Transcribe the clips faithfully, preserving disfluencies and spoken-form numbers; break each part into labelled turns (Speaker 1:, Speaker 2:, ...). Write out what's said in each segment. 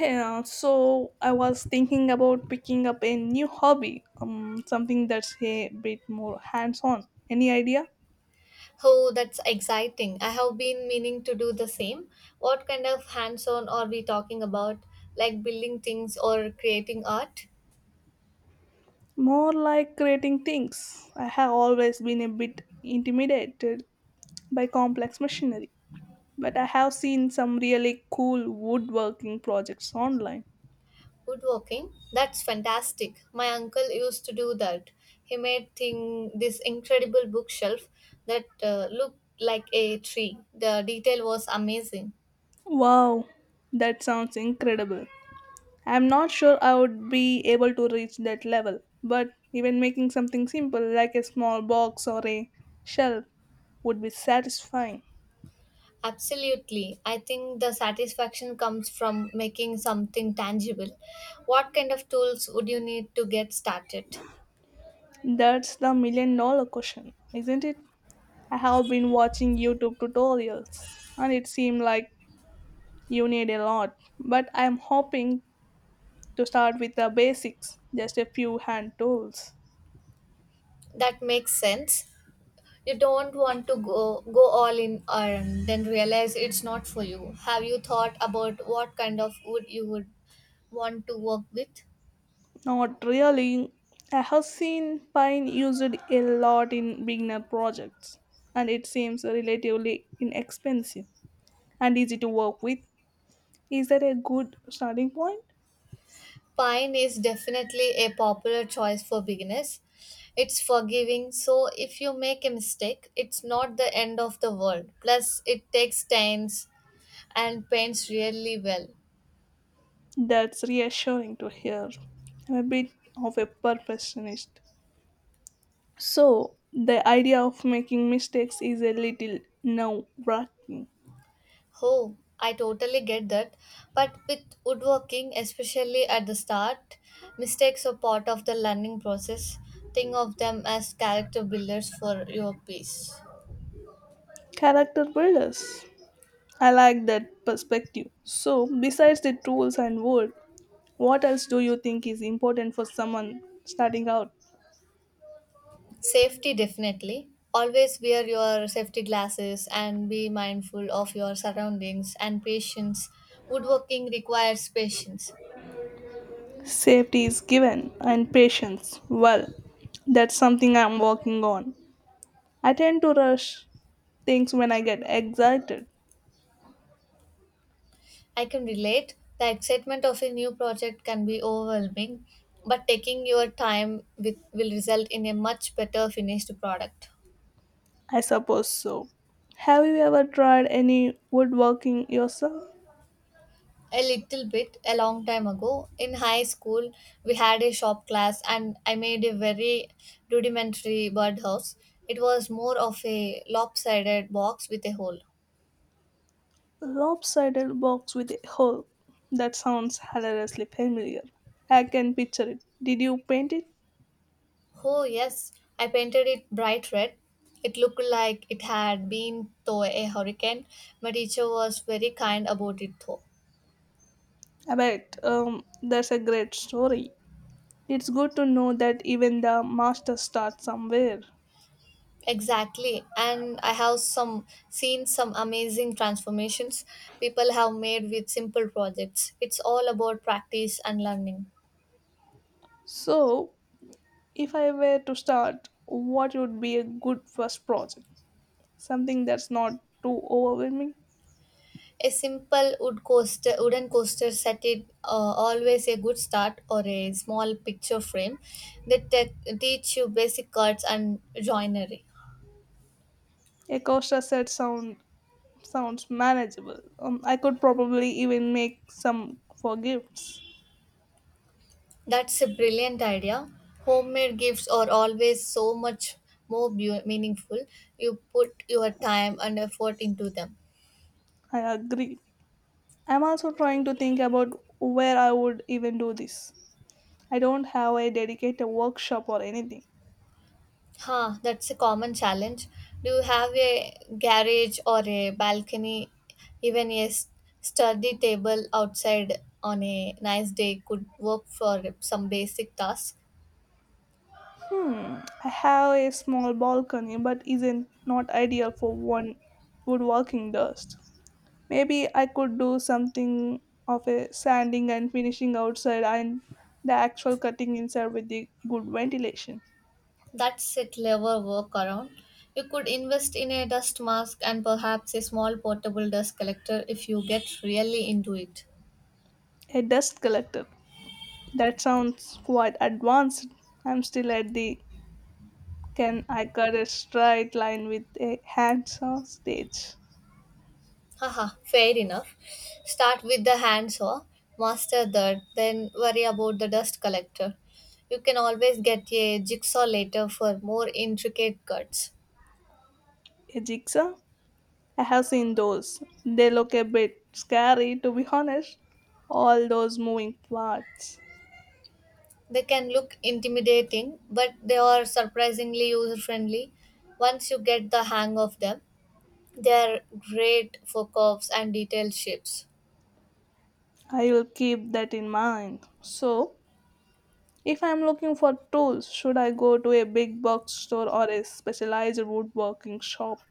Speaker 1: Yeah, so I was thinking about picking up a new hobby, um, something that's a bit more hands on. Any idea?
Speaker 2: Oh, that's exciting. I have been meaning to do the same. What kind of hands on are we talking about? Like building things or creating art?
Speaker 1: More like creating things. I have always been a bit intimidated by complex machinery, but I have seen some really cool woodworking projects online.
Speaker 2: Woodworking? That's fantastic. My uncle used to do that. He made thing, this incredible bookshelf that uh, looked like a tree. The detail was amazing.
Speaker 1: Wow, that sounds incredible. I'm not sure I would be able to reach that level, but even making something simple like a small box or a shelf would be satisfying.
Speaker 2: Absolutely. I think the satisfaction comes from making something tangible. What kind of tools would you need to get started?
Speaker 1: That's the million dollar question, isn't it? I have been watching YouTube tutorials and it seemed like you need a lot, but I'm hoping to start with the basics, just a few hand tools.
Speaker 2: That makes sense. You don't want to go go all in and then realize it's not for you. Have you thought about what kind of wood you would want to work with?
Speaker 1: Not really. I have seen Pine used a lot in beginner projects, and it seems relatively inexpensive and easy to work with. Is that a good starting point?
Speaker 2: Pine is definitely a popular choice for beginners. It's forgiving, so if you make a mistake it's not the end of the world. Plus, it takes stains and paints really well.
Speaker 1: That's reassuring to hear. I'm a bit of a perfectionist. So, the idea of making mistakes is a little nerve wracking.
Speaker 2: Oh, I totally get that. But with woodworking, especially at the start, mistakes are part of the learning process. Think of them as character builders for your piece.
Speaker 1: Character builders. I like that perspective. So, besides the tools and wood, what else do you think is important for someone starting out?
Speaker 2: Safety, definitely. Always wear your safety glasses and be mindful of your surroundings, and patience. Woodworking requires patience.
Speaker 1: Safety is given and patience. Well, that's something I'm working on. I tend to rush things when I get excited.
Speaker 2: I can relate. The excitement of a new project can be overwhelming, but taking your time with, will result in a much better finished product.
Speaker 1: I suppose so. Have you ever tried any woodworking yourself?
Speaker 2: A little bit, a long time ago, in high school, we had a shop class and I made a very rudimentary birdhouse. It was more of a lopsided box with a hole.
Speaker 1: Lopsided box with a hole. That sounds hilariously familiar. I can picture it. Did you paint it?
Speaker 2: Oh, yes, I painted it bright red. It looked like it had been through a hurricane. My teacher was very kind about it though.
Speaker 1: I bet. Um, that's a great story. It's good to know that even the master starts somewhere.
Speaker 2: Exactly. And I have some seen some amazing transformations people have made with simple projects. It's all about practice and learning.
Speaker 1: So, if I were to start, what would be a good first project? Something that's not too overwhelming?
Speaker 2: A simple wood coaster, wooden coaster set it uh, always a good start, or a small picture frame that te- teach you basic cards and joinery.
Speaker 1: A Costa set sound sounds manageable. Um, I could probably even make some for gifts.
Speaker 2: That's a brilliant idea. Homemade gifts are always so much more bu- meaningful. You put your time and effort into them.
Speaker 1: I agree. I'm also trying to think about where I would even do this. I don't have a dedicated workshop or anything.
Speaker 2: Huh, that's a common challenge. Do you have a garage or a balcony? Even a s- sturdy table outside on a nice day could work for some basic tasks.
Speaker 1: Hmm, I have a small balcony, but isn't not ideal for one woodworking dust. Maybe I could do something of a sanding and finishing outside and the actual cutting inside with the good ventilation.
Speaker 2: That's a clever workaround. You could invest in a dust mask and perhaps a small portable dust collector if you get really into it.
Speaker 1: A dust collector. That sounds quite advanced. I'm still at the can I cut a straight line with a handsaw stage?
Speaker 2: Haha, fair enough. Start with the hand saw, master that, then worry about the dust collector. You can always get a jigsaw later for more intricate cuts.
Speaker 1: A jigsaw? I have seen those. They look a bit scary, to be honest. All those moving parts.
Speaker 2: They can look intimidating, but they are surprisingly user friendly. Once you get the hang of them, they are great for curves and detailed shapes.
Speaker 1: I will keep that in mind. So, if I am looking for tools, should I go to a big box store or a specialized woodworking shop?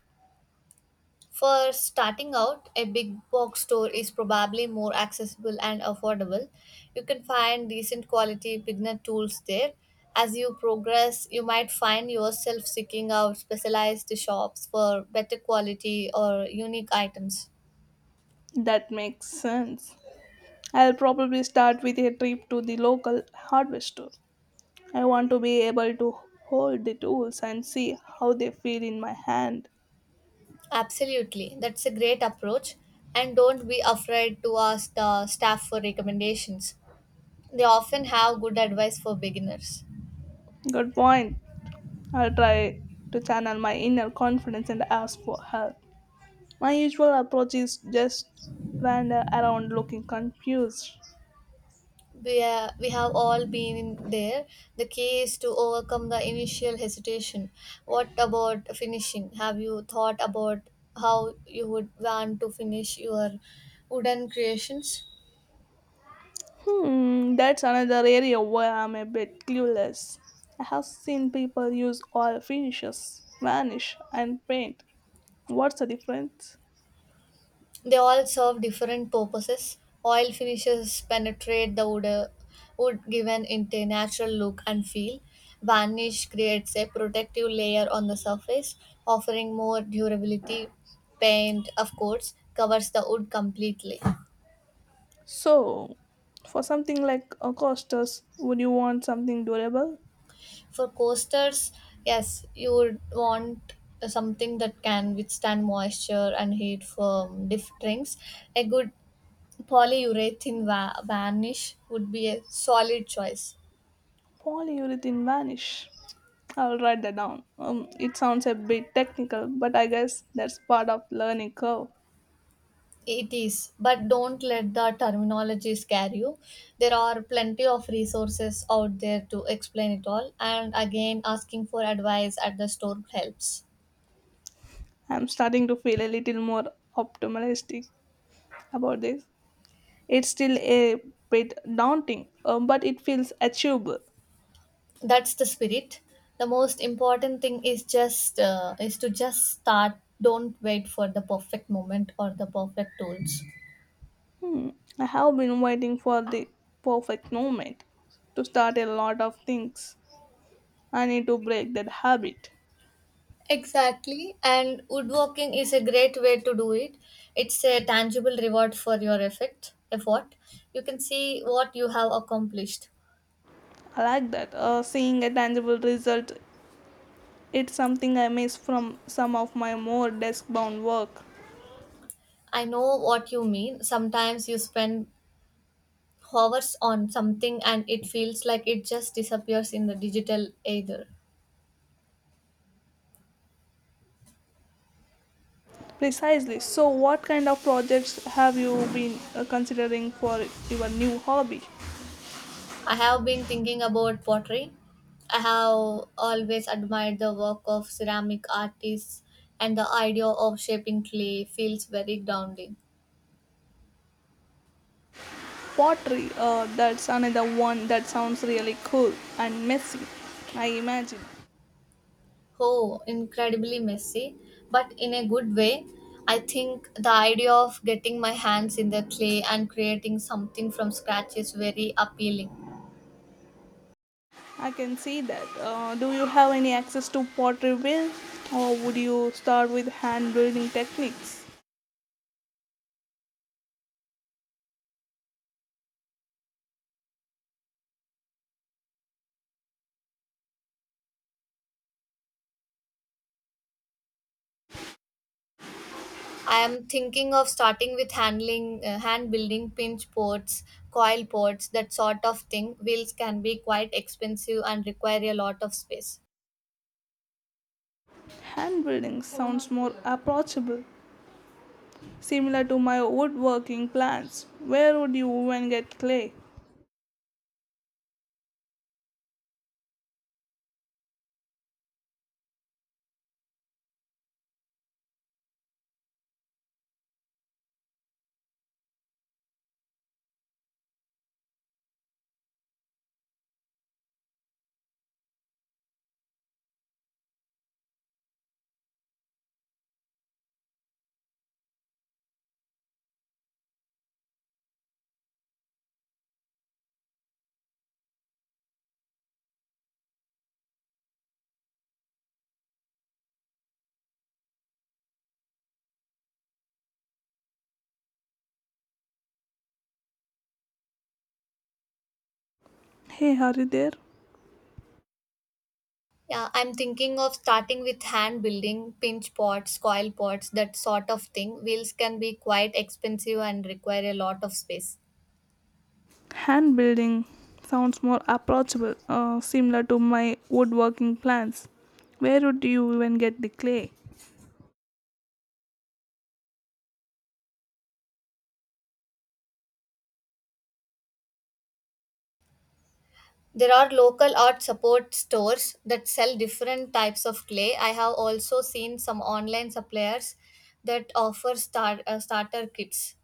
Speaker 2: For starting out, a big box store is probably more accessible and affordable. You can find decent quality beginner tools there. As you progress, you might find yourself seeking out specialized shops for better quality or unique items.
Speaker 1: That makes sense. I'll probably start with a trip to the local hardware store. I want to be able to hold the tools and see how they feel in my hand.
Speaker 2: Absolutely, that's a great approach. And don't be afraid to ask the staff for recommendations. They often have good advice for beginners.
Speaker 1: Good point. I will try to channel my inner confidence and ask for help. My usual approach is just wander around looking confused.
Speaker 2: we, uh, we have all been there. The key is to overcome the initial hesitation. What about finishing? Have you thought about how you would want to finish your wooden creations?
Speaker 1: Hmm, that's another area where I'm a bit clueless. I have seen people use oil finishes, varnish, and paint. What's the difference?
Speaker 2: They all serve different purposes. Oil finishes penetrate the wood, uh, wood, given it a natural look and feel. Varnish creates a protective layer on the surface, offering more durability. Paint, of course, covers the wood completely.
Speaker 1: So, for something like a costas, would you want something durable?
Speaker 2: For coasters, yes, you would want something that can withstand moisture and heat from diff drinks. A good polyurethane va- varnish would be a solid choice.
Speaker 1: Polyurethane varnish. I'll write that down. Um, it sounds a bit technical, but I guess that's part of learning curve.
Speaker 2: It is, but don't let the terminology scare you. There are plenty of resources out there to explain it all, and again, asking for advice at the store helps.
Speaker 1: I'm starting to feel a little more optimistic about this. It's still a bit daunting, um, but it feels achievable.
Speaker 2: That's the spirit. The most important thing is just uh, is to just start. Don't wait for the perfect moment or the perfect tools.
Speaker 1: Hmm. I have been waiting for the perfect moment to start a lot of things. I need to break that habit.
Speaker 2: Exactly, and woodworking is a great way to do it. It's a tangible reward for your effort effort You can see what you have accomplished.
Speaker 1: I like that. Uh, seeing a tangible result, it's something I miss from some of my more desk bound work.
Speaker 2: I know what you mean. Sometimes you spend hours on something and it feels like it just disappears in the digital ether.
Speaker 1: Precisely. So, what kind of projects have you been uh, considering for your new hobby?
Speaker 2: I have been thinking about pottery. I have always admired the work of ceramic artists, and the idea of shaping clay feels very grounding.
Speaker 1: Pottery, uh, that's another one that sounds really cool and messy, I imagine.
Speaker 2: Oh, incredibly messy, but in a good way. I think the idea of getting my hands in the clay and creating something from scratch is very appealing.
Speaker 1: I can see that. Uh, do you have any access to pottery wheels, or would you start with hand building techniques?
Speaker 2: I am thinking of starting with handling, uh, hand building pinch ports, coil ports, that sort of thing. Wheels can be quite expensive and require a lot of space.
Speaker 1: Hand building sounds more approachable, similar to my woodworking plans. Where would you even get clay? Hey, are you there?
Speaker 2: Yeah, I'm thinking of starting with hand building pinch pots, coil pots, that sort of thing. Wheels can be quite expensive and require a lot of space.
Speaker 1: Hand building sounds more approachable, uh, similar to my woodworking plans. Where would you even get the clay?
Speaker 2: There are local art support stores that sell different types of clay. I have also seen some online suppliers that offer star, uh, starter kits.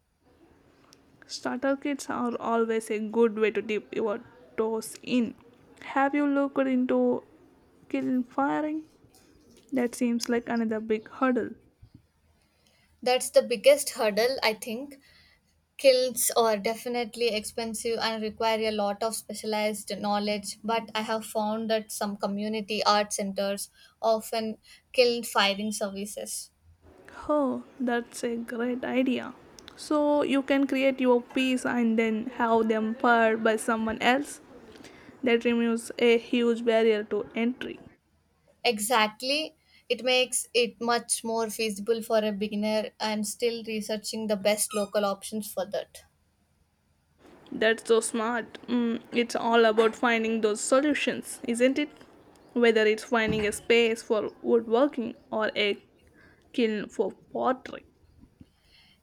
Speaker 1: Starter kits are always a good way to dip your toes in. Have you looked into kiln firing? That seems like another big hurdle.
Speaker 2: That's the biggest hurdle, I think. Kilns are definitely expensive and require a lot of specialized knowledge, but I have found that some community art centers often kiln firing services.
Speaker 1: Oh, that's a great idea. So you can create your piece and then have them fired by someone else. That removes a huge barrier to entry.
Speaker 2: Exactly. It makes it much more feasible for a beginner. I'm still researching the best local options for that.
Speaker 1: That's so smart. Mm, it's all about finding those solutions, isn't it? Whether it's finding a space for woodworking or a kiln for pottery.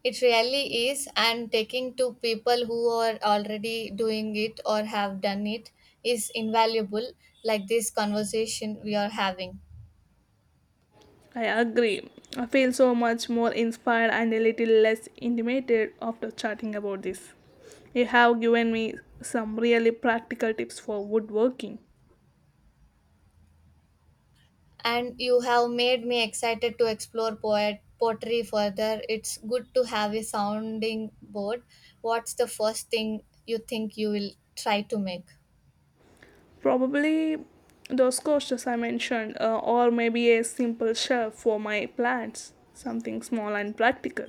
Speaker 2: It really is, and taking to people who are already doing it or have done it is invaluable, like this conversation we are having.
Speaker 1: I agree. I feel so much more inspired and a little less intimidated after chatting about this. You have given me some really practical tips for woodworking.
Speaker 2: And you have made me excited to explore poet poetry further. It's good to have a sounding board. What's the first thing you think you will try to make?
Speaker 1: Probably those coasters I mentioned, uh, or maybe a simple shelf for my plants. Something small and practical.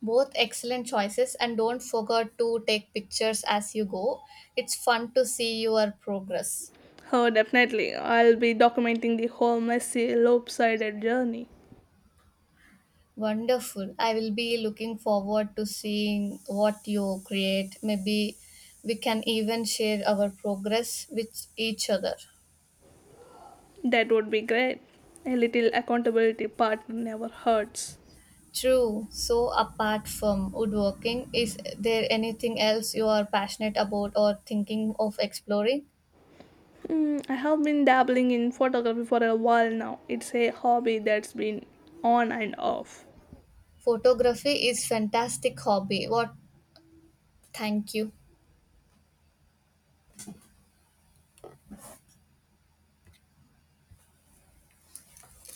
Speaker 2: Both excellent choices, and don't forget to take pictures as you go. It's fun to see your progress.
Speaker 1: Oh, definitely. I'll be documenting the whole messy, lopsided journey.
Speaker 2: Wonderful. I will be looking forward to seeing what you create. Maybe we can even share our progress with each other.
Speaker 1: That would be great. A little accountability part never hurts.
Speaker 2: True. So, apart from woodworking, is there anything else you are passionate about or thinking of exploring?
Speaker 1: Hmm, I have been dabbling in photography for a while now. It's a hobby that's been on and off.
Speaker 2: Photography is fantastic hobby. What? Thank you.